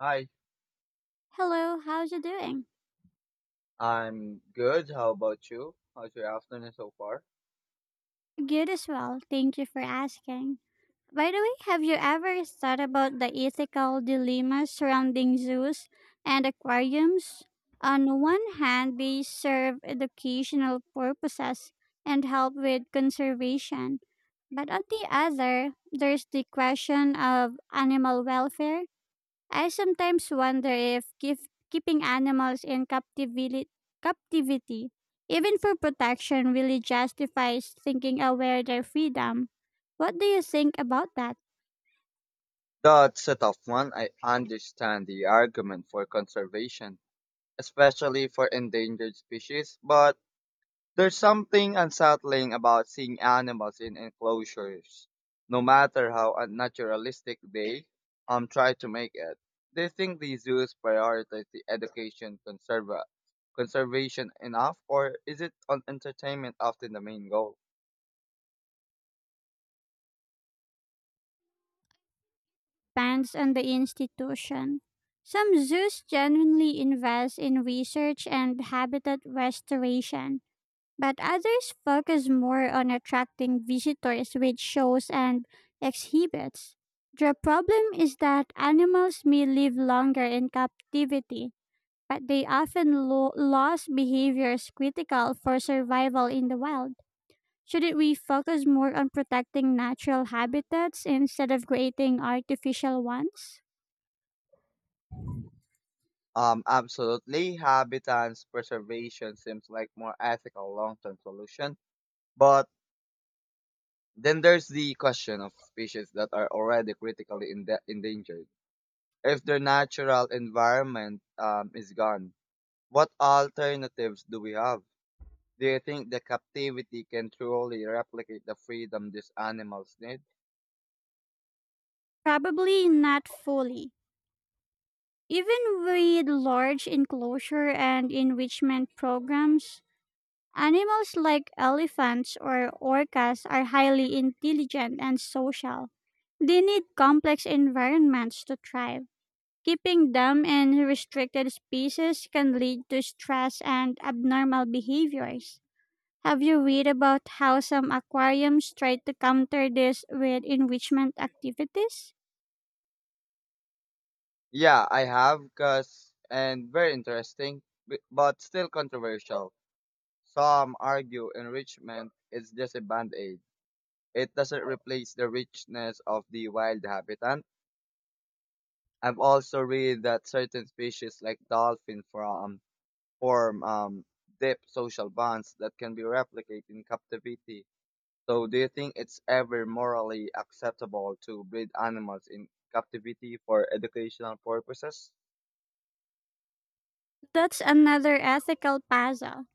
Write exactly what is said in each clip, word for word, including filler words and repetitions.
Hi, Hello, how's you doing? I'm good. How about you? How's your afternoon so far? Good as well. Thank you for asking. By the way, have you ever thought about the ethical dilemmas surrounding zoos and aquariums? On one hand, they serve educational purposes and help with conservation. But on the other, there's the question of animal welfare. I sometimes wonder if keep, keeping animals in captivity, captivity, even for protection, really justifies thinking aware their freedom. What do you think about that? That's a tough one. I understand the argument for conservation, especially for endangered species, but there's something unsettling about seeing animals in enclosures, no matter how unnaturalistic they um try to make it. They think the zoos prioritize the education conserva conservation enough, or is it on entertainment often the main goal? Depends on the institution. Some zoos genuinely invest in research and habitat restoration, but others focus more on attracting visitors with shows and exhibits. The problem is that animals may live longer in captivity, but they often lo- lose behaviors critical for survival in the wild. Shouldn't we focus more on protecting natural habitats instead of creating artificial ones? Um, absolutely. Habitats preservation seems like more ethical long-term solution. But then there's the question of species that are already critically ende- endangered. If their natural environment um, is gone, what alternatives do we have? Do you think the captivity can truly replicate the freedom these animals need? Probably not fully. Even with large enclosure and enrichment programs, animals like elephants or orcas are highly intelligent and social. They need complex environments to thrive. Keeping them in restricted species can lead to stress and abnormal behaviors. Have you read about how some aquariums try to counter this with enrichment activities? Yeah, I have, cause and very interesting, b- but still controversial. Some argue enrichment is just a band-aid. It doesn't replace the richness of the wild habitat. I've also read that certain species like dolphin from, form um, deep social bonds that can be replicated in captivity. So do you think it's ever morally acceptable to breed animals in captivity for educational purposes? That's another ethical puzzle.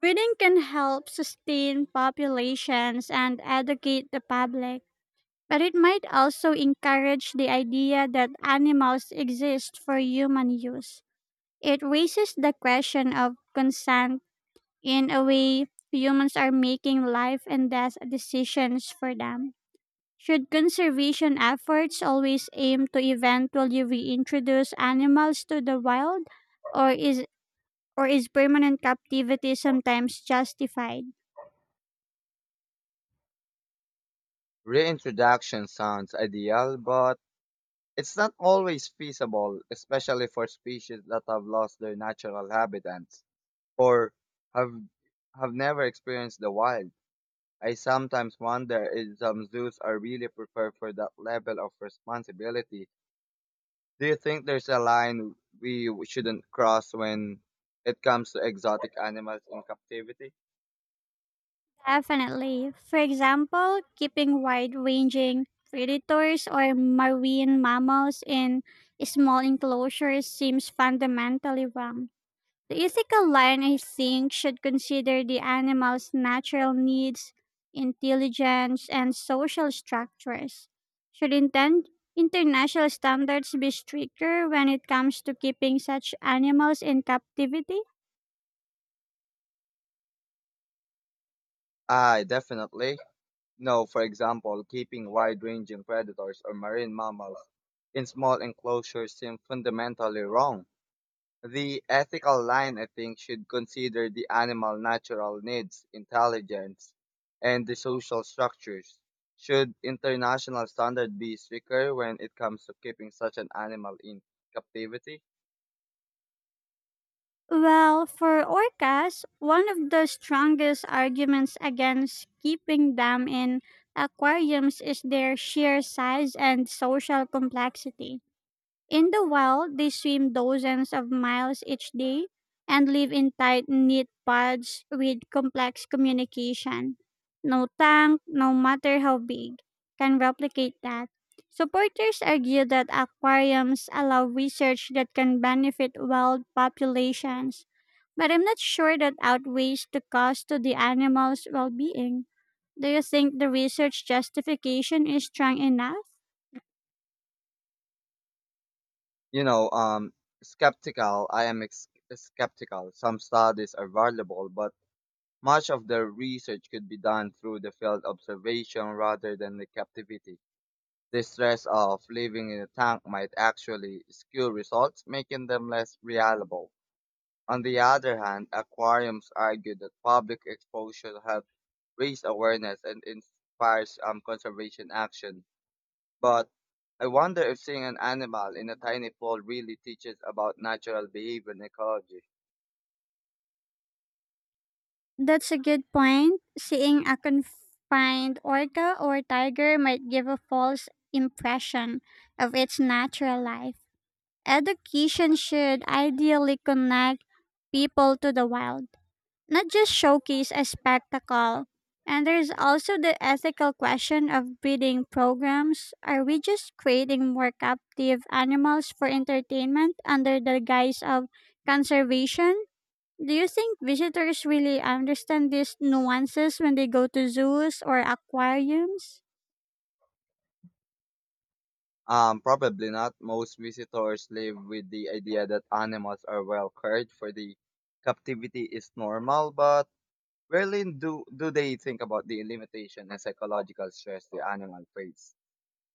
Breeding can help sustain populations and educate the public. But it might also encourage the idea that animals exist for human use. It raises the question of consent, in a way humans are making life and death decisions for them. Should conservation efforts always aim to eventually reintroduce animals to the wild, or is or is permanent captivity sometimes justified? Reintroduction sounds ideal, but it's not always feasible, especially for species that have lost their natural habitats or have have never experienced the wild. I sometimes wonder if some zoos are really prepared for that level of responsibility. Do you think there's a line we shouldn't cross when it comes to exotic animals in captivity? Definitely. For example, keeping wide ranging predators or marine mammals in small enclosures seems fundamentally wrong. The ethical line, I think, should consider the animal's natural needs, intelligence, and social structures. Should intend international standards be stricter when it comes to keeping such animals in captivity? Ah, definitely. No, for example, keeping wide-ranging predators or marine mammals in small enclosures seems fundamentally wrong. The ethical line, I think, should consider the animal natural needs, intelligence, and the social structures. Should international standard be stricter when it comes to keeping such an animal in captivity? Well, for orcas, one of the strongest arguments against keeping them in aquariums is their sheer size and social complexity. In the wild, they swim dozens of miles each day and live in tight knit pods with complex communication. No tank, no matter how big, can replicate that. Supporters argue that aquariums allow research that can benefit wild populations, but I'm not sure that outweighs the cost to the animals' well being. Do you think the research justification is strong enough? You know, um, skeptical. I am ex- skeptical. Some studies are valuable, but much of the research could be done through the field observation rather than the captivity. The stress of living in a tank might actually skew results, making them less reliable. On the other hand, aquariums argue that public exposure helps raise awareness and inspires um, conservation action. But I wonder if seeing an animal in a tiny pool really teaches about natural behavior and ecology. That's a good point. Seeing a confined orca or tiger might give a false impression of its natural life. Education should ideally connect people to the wild, not just showcase a spectacle. And there's also the ethical question of breeding programs. Are we just creating more captive animals for entertainment under the guise of conservation? Do you think visitors really understand these nuances when they go to zoos or aquariums? Um, probably not. Most visitors live with the idea that animals are well cared for. The captivity is normal, but rarely do, do they think about the limitation and psychological stress the animal face.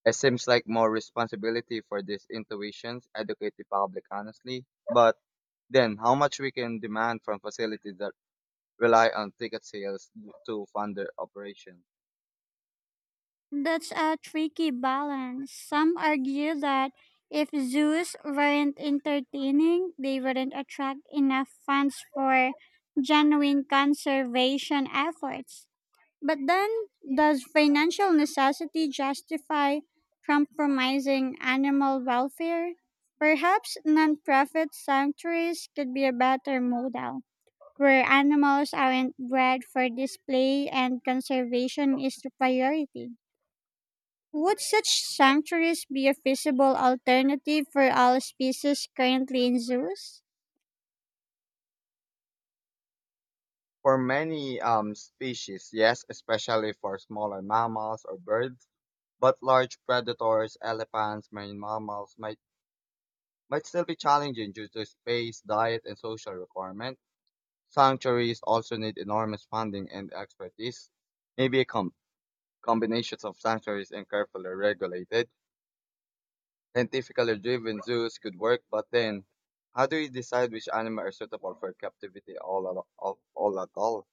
It seems like more responsibility for these intuitions educate the public honestly, but then how much we can demand from facilities that rely on ticket sales to fund their operation. That's a tricky balance. Some argue that if zoos weren't entertaining, they wouldn't attract enough funds for genuine conservation efforts. But then, does financial necessity justify compromising animal welfare? Perhaps non-profit sanctuaries could be a better model, where animals aren't bred for display and conservation is the priority. Would such sanctuaries be a feasible alternative for all species currently in zoos? For many um, species, yes, especially for smaller mammals or birds, but large predators, elephants, marine mammals might, might still be challenging due to space, diet, and social requirements. Sanctuaries also need enormous funding and expertise. Maybe a com- Combination of sanctuaries and carefully regulated, scientifically driven zoos could work, but then how do you decide which animals are suitable for captivity all, al- all, all at all?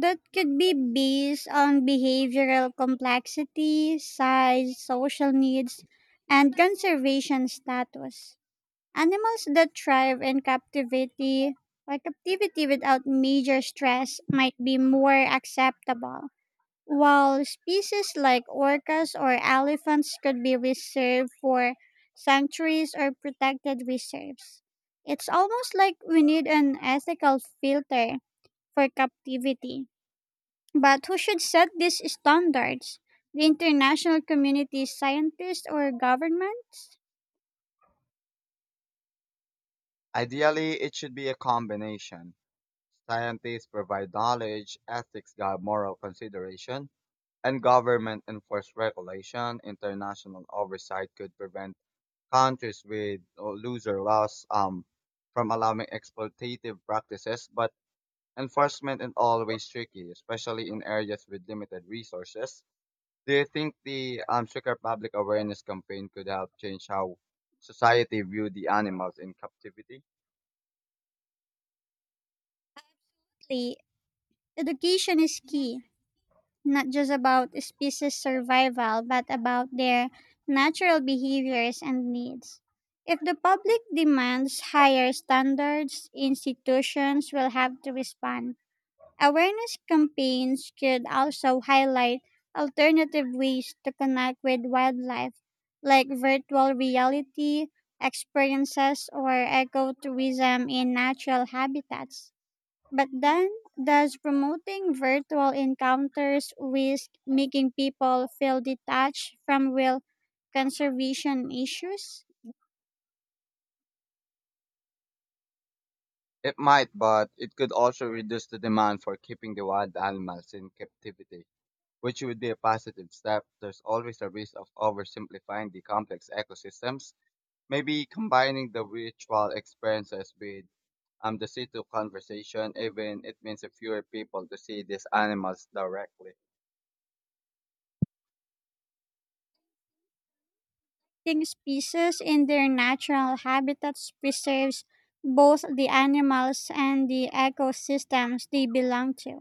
That could be based on behavioral complexity, size, social needs, and conservation status. Animals that thrive in captivity or captivity without major stress might be more acceptable, while species like orcas or elephants could be reserved for sanctuaries or protected reserves. It's almost like we need an ethical filter for captivity. But who should set these standards? The international community, scientists, or governments? Ideally, it should be a combination. Scientists provide knowledge, ethics guide moral consideration, and government enforce regulation. International oversight could prevent countries with uh, looser laws um, from allowing exploitative practices, but enforcement is always tricky, especially in areas with limited resources. Do you think the um, stricter public awareness campaign could help change how society view the animals in captivity? Lastly, education is key, not just about species survival, but about their natural behaviors and needs. If the public demands higher standards, institutions will have to respond. Awareness campaigns could also highlight alternative ways to connect with wildlife, like virtual reality experiences or ecotourism in natural habitats. But then, does promoting virtual encounters risk making people feel detached from real conservation issues? It might, but it could also reduce the demand for keeping the wild animals in captivity, which would be a positive step. There's always a risk of oversimplifying the complex ecosystems. Maybe combining the virtual experiences with um, the city conversation, even it means a fewer people to see these animals directly. Think species in their natural habitats preserves both the animals and the ecosystems they belong to.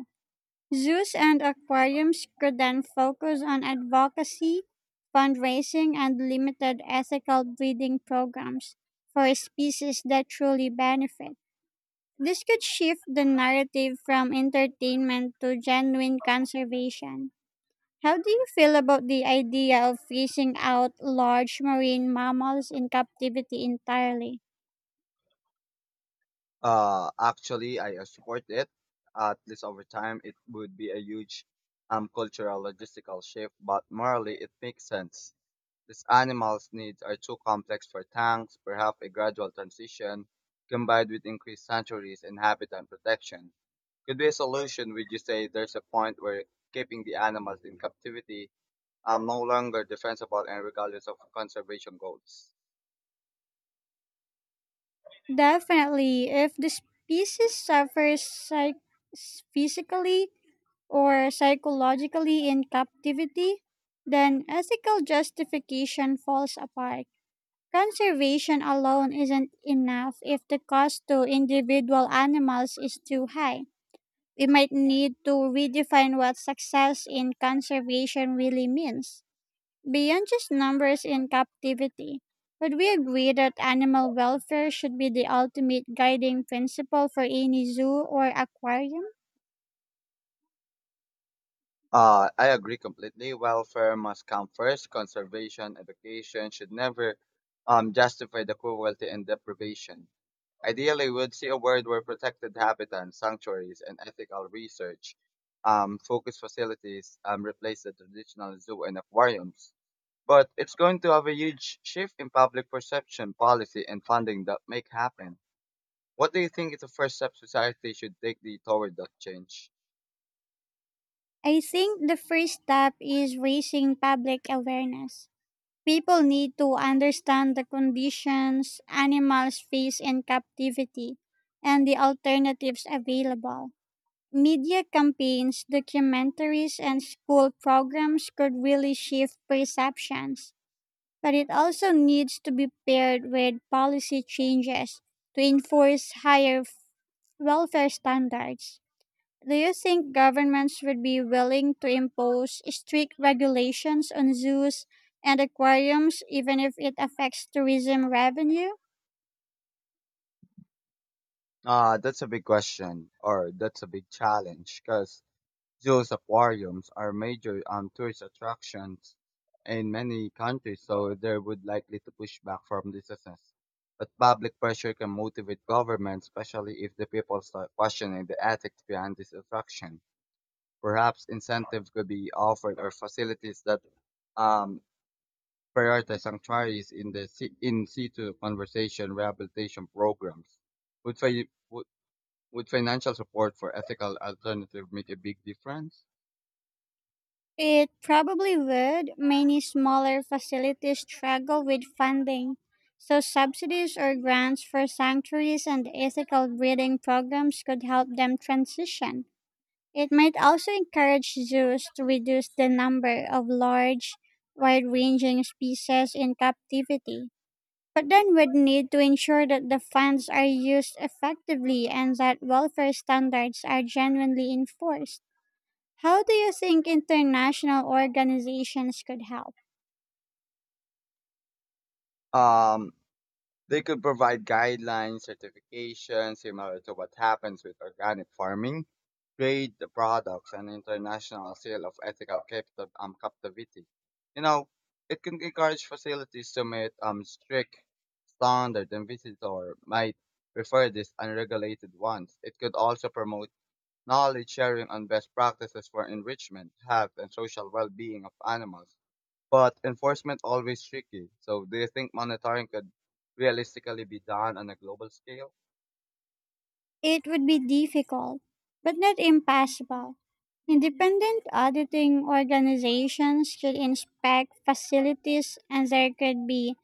Zoos and aquariums could then focus on advocacy, fundraising, and limited ethical breeding programs for species that truly benefit. This could shift the narrative from entertainment to genuine conservation. How do you feel about the idea of phasing out large marine mammals in captivity entirely? Uh, actually, I uh, support it. At least over time, it would be a huge um, cultural logistical shift, but morally, it makes sense. These animals' needs are too complex for tanks, perhaps a gradual transition combined with increased sanctuaries and habitat protection could be a solution. Would you say there's a point where keeping the animals in captivity are no longer defensible and regardless of conservation goals? Definitely, if the species suffers psych- physically or psychologically in captivity, then ethical justification falls apart. Conservation alone isn't enough if the cost to individual animals is too high. We might need to redefine what success in conservation really means, beyond just numbers in captivity. Would we agree that animal welfare should be the ultimate guiding principle for any zoo or aquarium? Uh, I agree completely. Welfare must come first. Conservation, education should never um, justify the cruelty and deprivation. Ideally, we'd see a world where protected habitats, sanctuaries, and ethical research um, focus facilities um, replace the traditional zoo and aquariums. But it's going to have a huge shift in public perception, policy, and funding that make happen. What do you think is the first step society should take the, toward that change? I think the first step is raising public awareness. People need to understand the conditions animals face in captivity and the alternatives available. Media campaigns, documentaries, and school programs could really shift perceptions, but it also needs to be paired with policy changes to enforce higher f- welfare standards. Do you think governments would be willing to impose strict regulations on zoos and aquariums even if it affects tourism revenue? Ah, that's a big question, or that's a big challenge, because zoos, aquariums are major um, tourist attractions in many countries, so they would likely to push back from businesses. But public pressure can motivate governments, especially if the people start questioning the ethics behind this attraction. Perhaps incentives could be offered or facilities that um, prioritize sanctuaries in the si- in situ conservation rehabilitation programs. Would, fi- would, would financial support for ethical alternative make a big difference? It probably would. Many smaller facilities struggle with funding, so subsidies or grants for sanctuaries and ethical breeding programs could help them transition. It might also encourage zoos to reduce the number of large, wide ranging species in captivity, but then would need to ensure that the funds are used effectively and that welfare standards are genuinely enforced. How do you think international organizations could help? Um, They could provide guidelines, certifications, similar to what happens with organic farming, trade the products, and international sale of ethical captive, um, captivity. You know, it can encourage facilities to meet um, strict standards, and visitor might prefer these unregulated ones. It could also promote knowledge sharing on best practices for enrichment, health, and social well-being of animals, but enforcement always tricky. So do you think monitoring could realistically be done on a global scale? It would be difficult, but not impossible. Independent auditing organizations could inspect facilities and there could be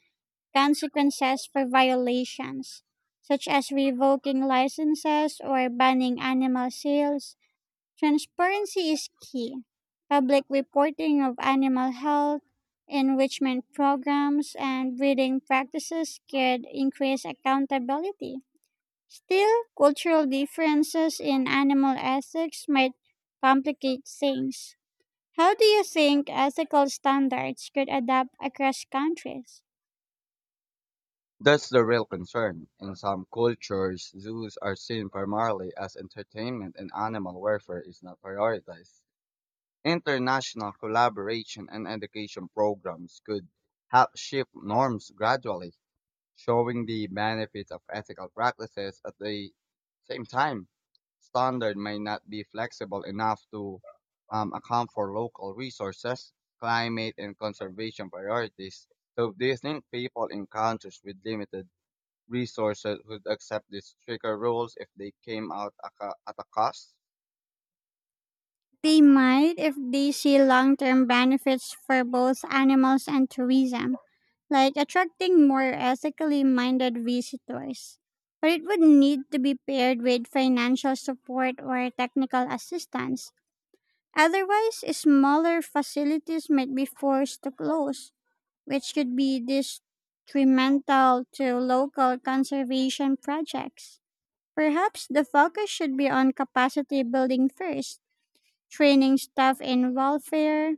consequences for violations, such as revoking licenses or banning animal sales. Transparency is key. Public reporting of animal health, enrichment programs, and breeding practices could increase accountability. Still, cultural differences in animal ethics might complicate things. How do you think ethical standards could adapt across countries? That's the real concern. In some cultures, zoos are seen primarily as entertainment and animal welfare is not prioritized. International collaboration and education programs could help shift norms gradually, showing the benefits of ethical practices at the same time. Standard may not be flexible enough to um, account for local resources, climate, and conservation priorities. So, do you think people in countries with limited resources would accept these stricter rules if they came out a co- at a cost? They might if they see long term benefits for both animals and tourism, like attracting more ethically minded visitors. But it would need to be paired with financial support or technical assistance. Otherwise, smaller facilities might be forced to close, which could be detrimental to local conservation projects. Perhaps the focus should be on capacity building first, training staff in welfare,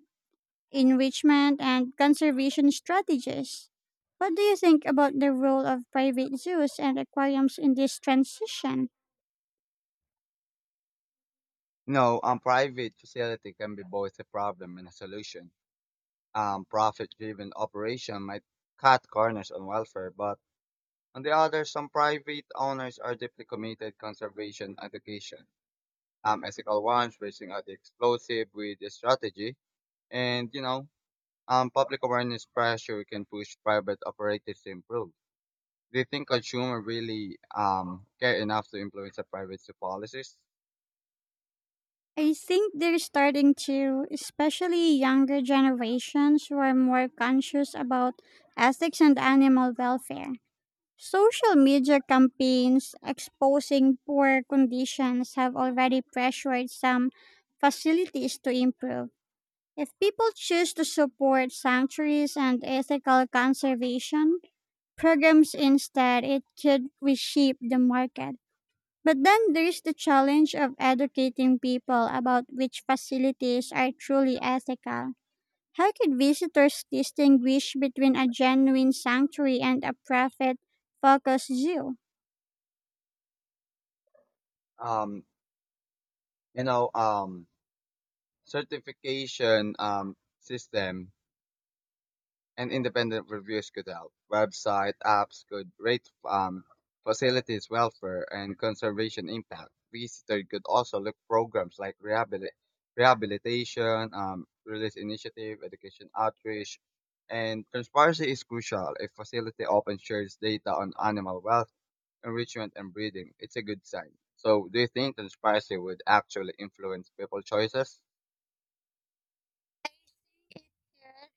enrichment, and conservation strategies. What do you think about the role of private zoos and aquariums in this transition? No, um, private facility can be both a problem and a solution. Um, profit-driven operation might cut corners on welfare, but on the other, some private owners are deeply committed conservation education. Um, ethical ones reaching out the explosive with the strategy, and you know, um, public awareness pressure can push private operators to improve. Do you think consumer really um care enough to influence the privacy policies? I think they're starting to, especially younger generations who are more conscious about ethics and animal welfare. Social media campaigns exposing poor conditions have already pressured some facilities to improve. If people choose to support sanctuaries and ethical conservation programs instead, it could reshape the market. But then there's the challenge of educating people about which facilities are truly ethical. How could visitors distinguish between a genuine sanctuary and a profit focused zoo? Um, you know, um, certification um system and independent reviews could help. Website apps could rate um, facilities' welfare and conservation impact. Visitor could also look programs like rehabilit- rehabilitation, um, release initiative, education outreach, and transparency is crucial. If facility open shares data on animal wealth, enrichment, and breeding, it's a good sign. So, do you think transparency would actually influence people's choices?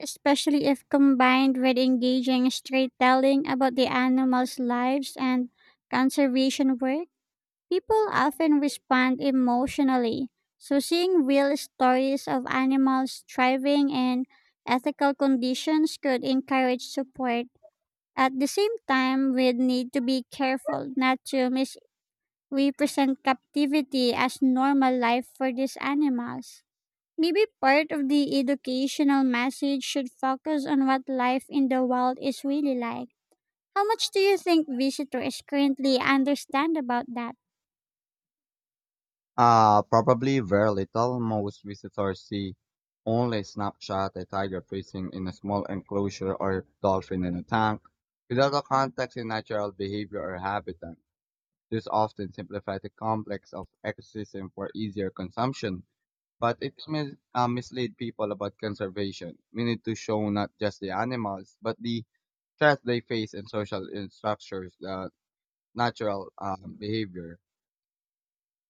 Especially if combined with engaging storytelling about the animals' lives and conservation work? People often respond emotionally, so seeing real stories of animals thriving in ethical conditions could encourage support. At the same time, we need to be careful not to misrepresent captivity as normal life for these animals. Maybe part of the educational message should focus on what life in the wild is really like. How much do you think visitors currently understand about that? Uh, probably very little. Most visitors see only a snapshot, a tiger freezing in a small enclosure or dolphin in a tank, without a context in natural behavior or habitat. This often simplifies the complex of ecosystem for easier consumption, but it mis- uh, mislead people about conservation. We need to show not just the animals, but the threats they face and social uh, structures, the natural um, behavior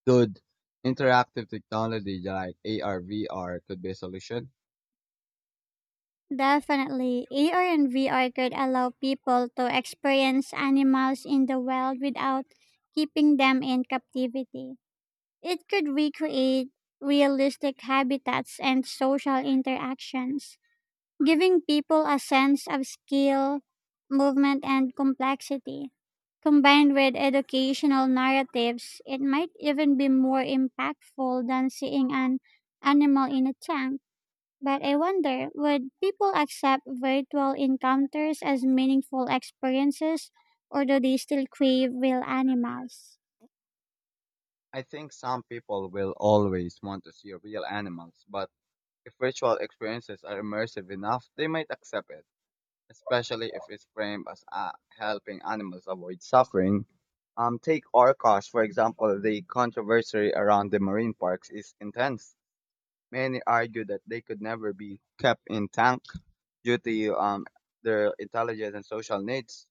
good interactive technology like A R, V R could be a solution. Definitely, A R and V R could allow people to experience animals in the wild without keeping them in captivity. It could recreate realistic habitats and social interactions, giving people a sense of skill, movement, and complexity. Combined with educational narratives, it might even be more impactful than seeing an animal in a tank, but I wonder would people accept virtual encounters as meaningful experiences, or do they still crave real animals? I think some people will always want to see real animals, but if virtual experiences are immersive enough, they might accept it, especially if it's framed as uh, helping animals avoid suffering. Um, take Orcas, for example, the controversy around the marine parks is intense. Many argue that they could never be kept in tank due to um, their intelligence and social needs.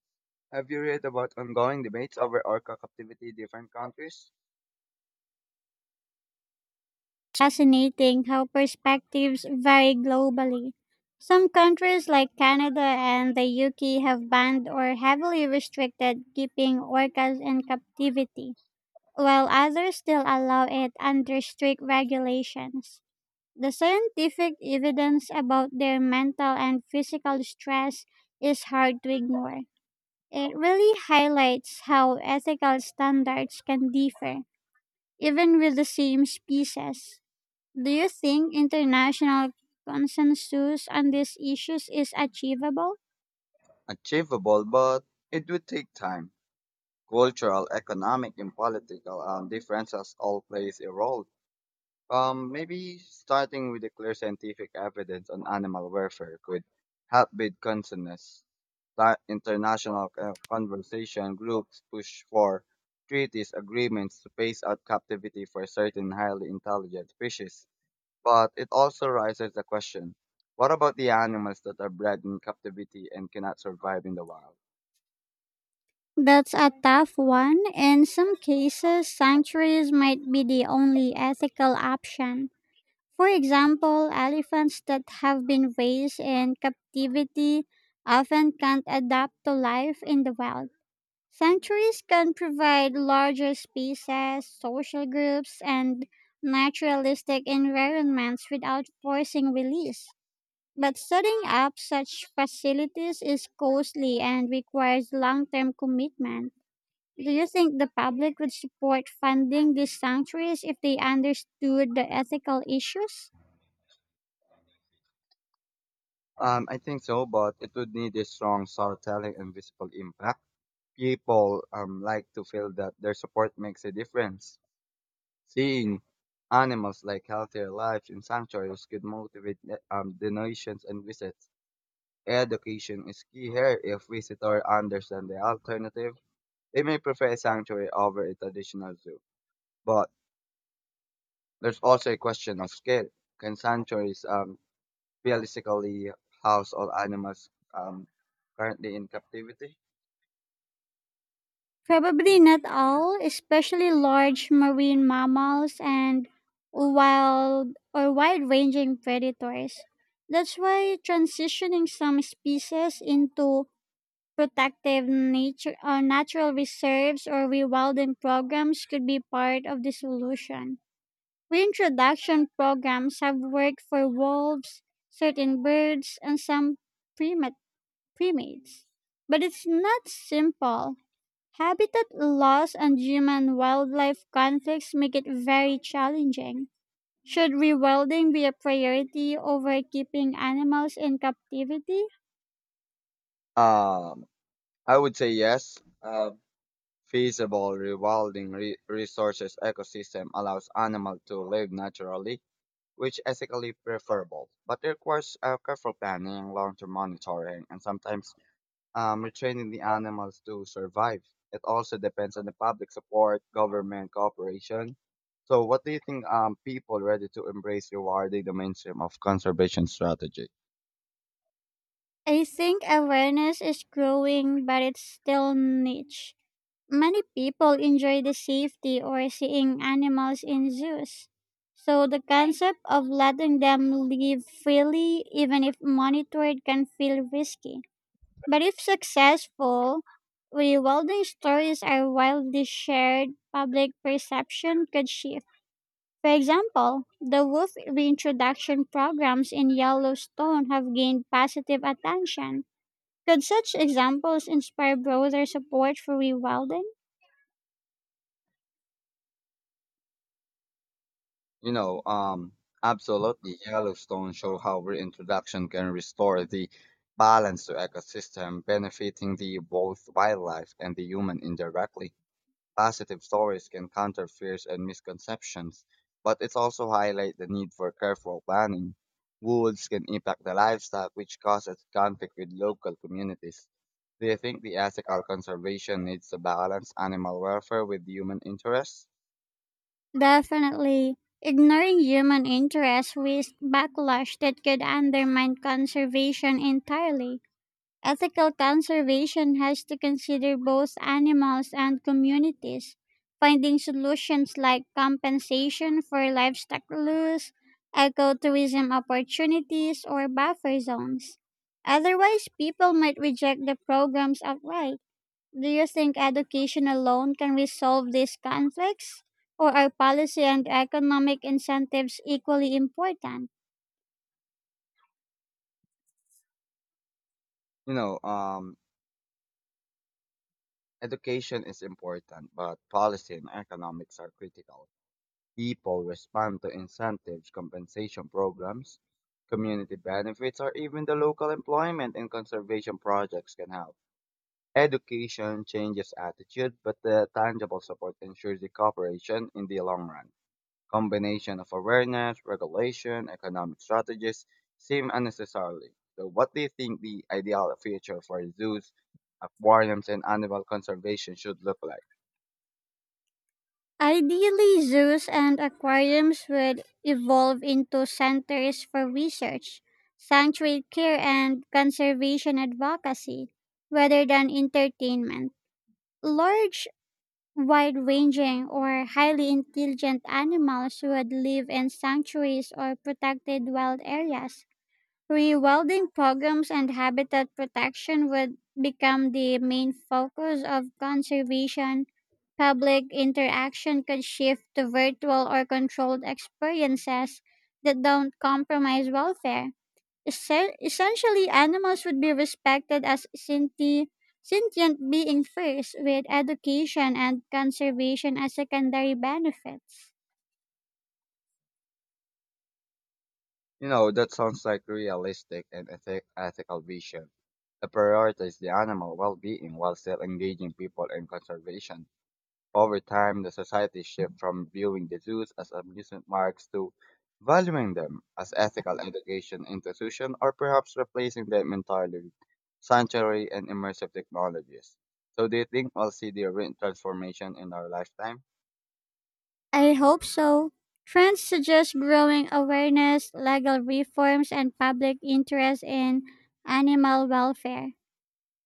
Have you read about ongoing debates over orca captivity in different countries? Fascinating how perspectives vary globally. Some countries like Canada and the U K have banned or heavily restricted keeping orcas in captivity, while others still allow it under strict regulations. The scientific evidence about their mental and physical stress is hard to ignore. It really highlights how ethical standards can differ, even with the same species. Do you think international consensus on these issues is achievable? Achievable, but it would take time. Cultural, economic, and political um, differences all plays a role. Um, maybe starting with the clear scientific evidence on animal welfare could help build consensus. That international uh, conversation groups push for treaties agreements to phase out captivity for certain highly intelligent species. But it also raises the question, what about the animals that are bred in captivity and cannot survive in the wild? That's a tough one. In some cases, sanctuaries might be the only ethical option. For example, elephants that have been raised in captivity often can't adapt to life in the wild. Sanctuaries can provide larger spaces, social groups, and naturalistic environments without forcing release. But setting up such facilities is costly and requires long term commitment. Do you think the public would support funding these sanctuaries if they understood the ethical issues? Um, I think so, but it would need a strong storytelling and visible impact. People um, like to feel that their support makes a difference. Seeing animals like healthier lives in sanctuaries could motivate eh, um, donations and visits. Education is key here. If visitors understand the alternative, they may prefer a sanctuary over a traditional zoo. But there's also a question of scale. Can sanctuaries um, realistically house all animals um, currently in captivity? Probably not all, especially large marine mammals and wild or wide ranging predators. That's why transitioning some species into protective nature or natural reserves or rewilding programs could be part of the solution. Reintroduction programs have worked for wolves, certain birds, and some primate, primates. But it's not simple. Habitat loss and human wildlife conflicts make it very challenging. Should rewilding be a priority over keeping animals in captivity? Um, I would say yes. Uh, feasible rewilding re- resources ecosystem allows animals to live naturally, which ethically preferable, but it requires uh, careful planning, long-term monitoring, and sometimes um, retraining the animals to survive. It also depends on the public support, government cooperation. So, what do you think um, people ready to embrace rewarding the mainstream of conservation strategy? I think awareness is growing, but it's still niche. Many people enjoy the safety or seeing animals in zoos, so the concept of letting them live freely, even if monitored, can feel risky. But if successful, rewilding stories are widely shared, public perception could shift. For example, the wolf reintroduction programs in Yellowstone have gained positive attention. Could such examples inspire broader support for rewilding? You know, um, absolutely, Yellowstone show how reintroduction can restore the balance to ecosystem, benefiting the both wildlife and the human indirectly. Positive stories can counter fears and misconceptions, but it also highlight the need for careful planning. Wolves can impact the livestock, which causes conflict with local communities. Do you think the ethical conservation needs to balance animal welfare with human interests? Definitely. Ignoring human interest risks backlash that could undermine conservation entirely. Ethical conservation has to consider both animals and communities, finding solutions like compensation for livestock loss, ecotourism opportunities, or buffer zones. Otherwise, people might reject the programs outright. Do you think education alone can resolve these conflicts? Or are policy and economic incentives equally important? You know, um, education is important, but policy and economics are critical. People respond to incentives, compensation programs, community benefits, or even the local employment and conservation projects can help. Education changes attitude, but the tangible support ensures the cooperation in the long run. Combination of awareness, regulation, economic strategies seem unnecessarily. So, what do you think the ideal future for zoos, aquariums, and animal conservation should look like? Ideally, zoos and aquariums would evolve into centers for research, sanctuary care, and conservation advocacy, rather than entertainment. Large, wide ranging, or highly intelligent animals would live in sanctuaries or protected wild areas. Rewilding programs and habitat protection would become the main focus of conservation. Public interaction could shift to virtual or controlled experiences that don't compromise welfare. Essen- Essentially, animals would be respected as senti- sentient beings first, with education and conservation as secondary benefits. You know, that sounds like realistic and ethi- ethical vision. It prioritizes the animal well-being while still engaging people in conservation. Over time, the society shifts from viewing the zoos as amusement parks to valuing them as ethical education institution or perhaps replacing them entirely with sanctuary and immersive technologies. So do you think we'll see the re- transformation in our lifetime? I hope so. Trends suggest growing awareness, legal reforms, and public interest in animal welfare.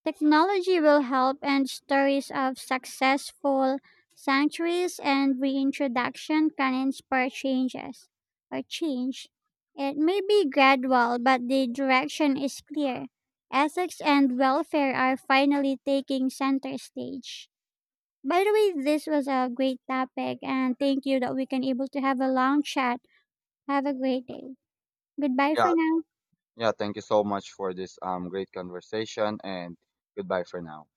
Technology will help, and stories of successful sanctuaries and reintroduction can inspire changes or change. It may be gradual, but the direction is clear. Ethics and welfare are finally taking center stage. By the way, this was a great topic and thank you that we can able to have a long chat. Have a great day. Goodbye for Yeah, now. yeah, thank you so much for this um great conversation and goodbye for now.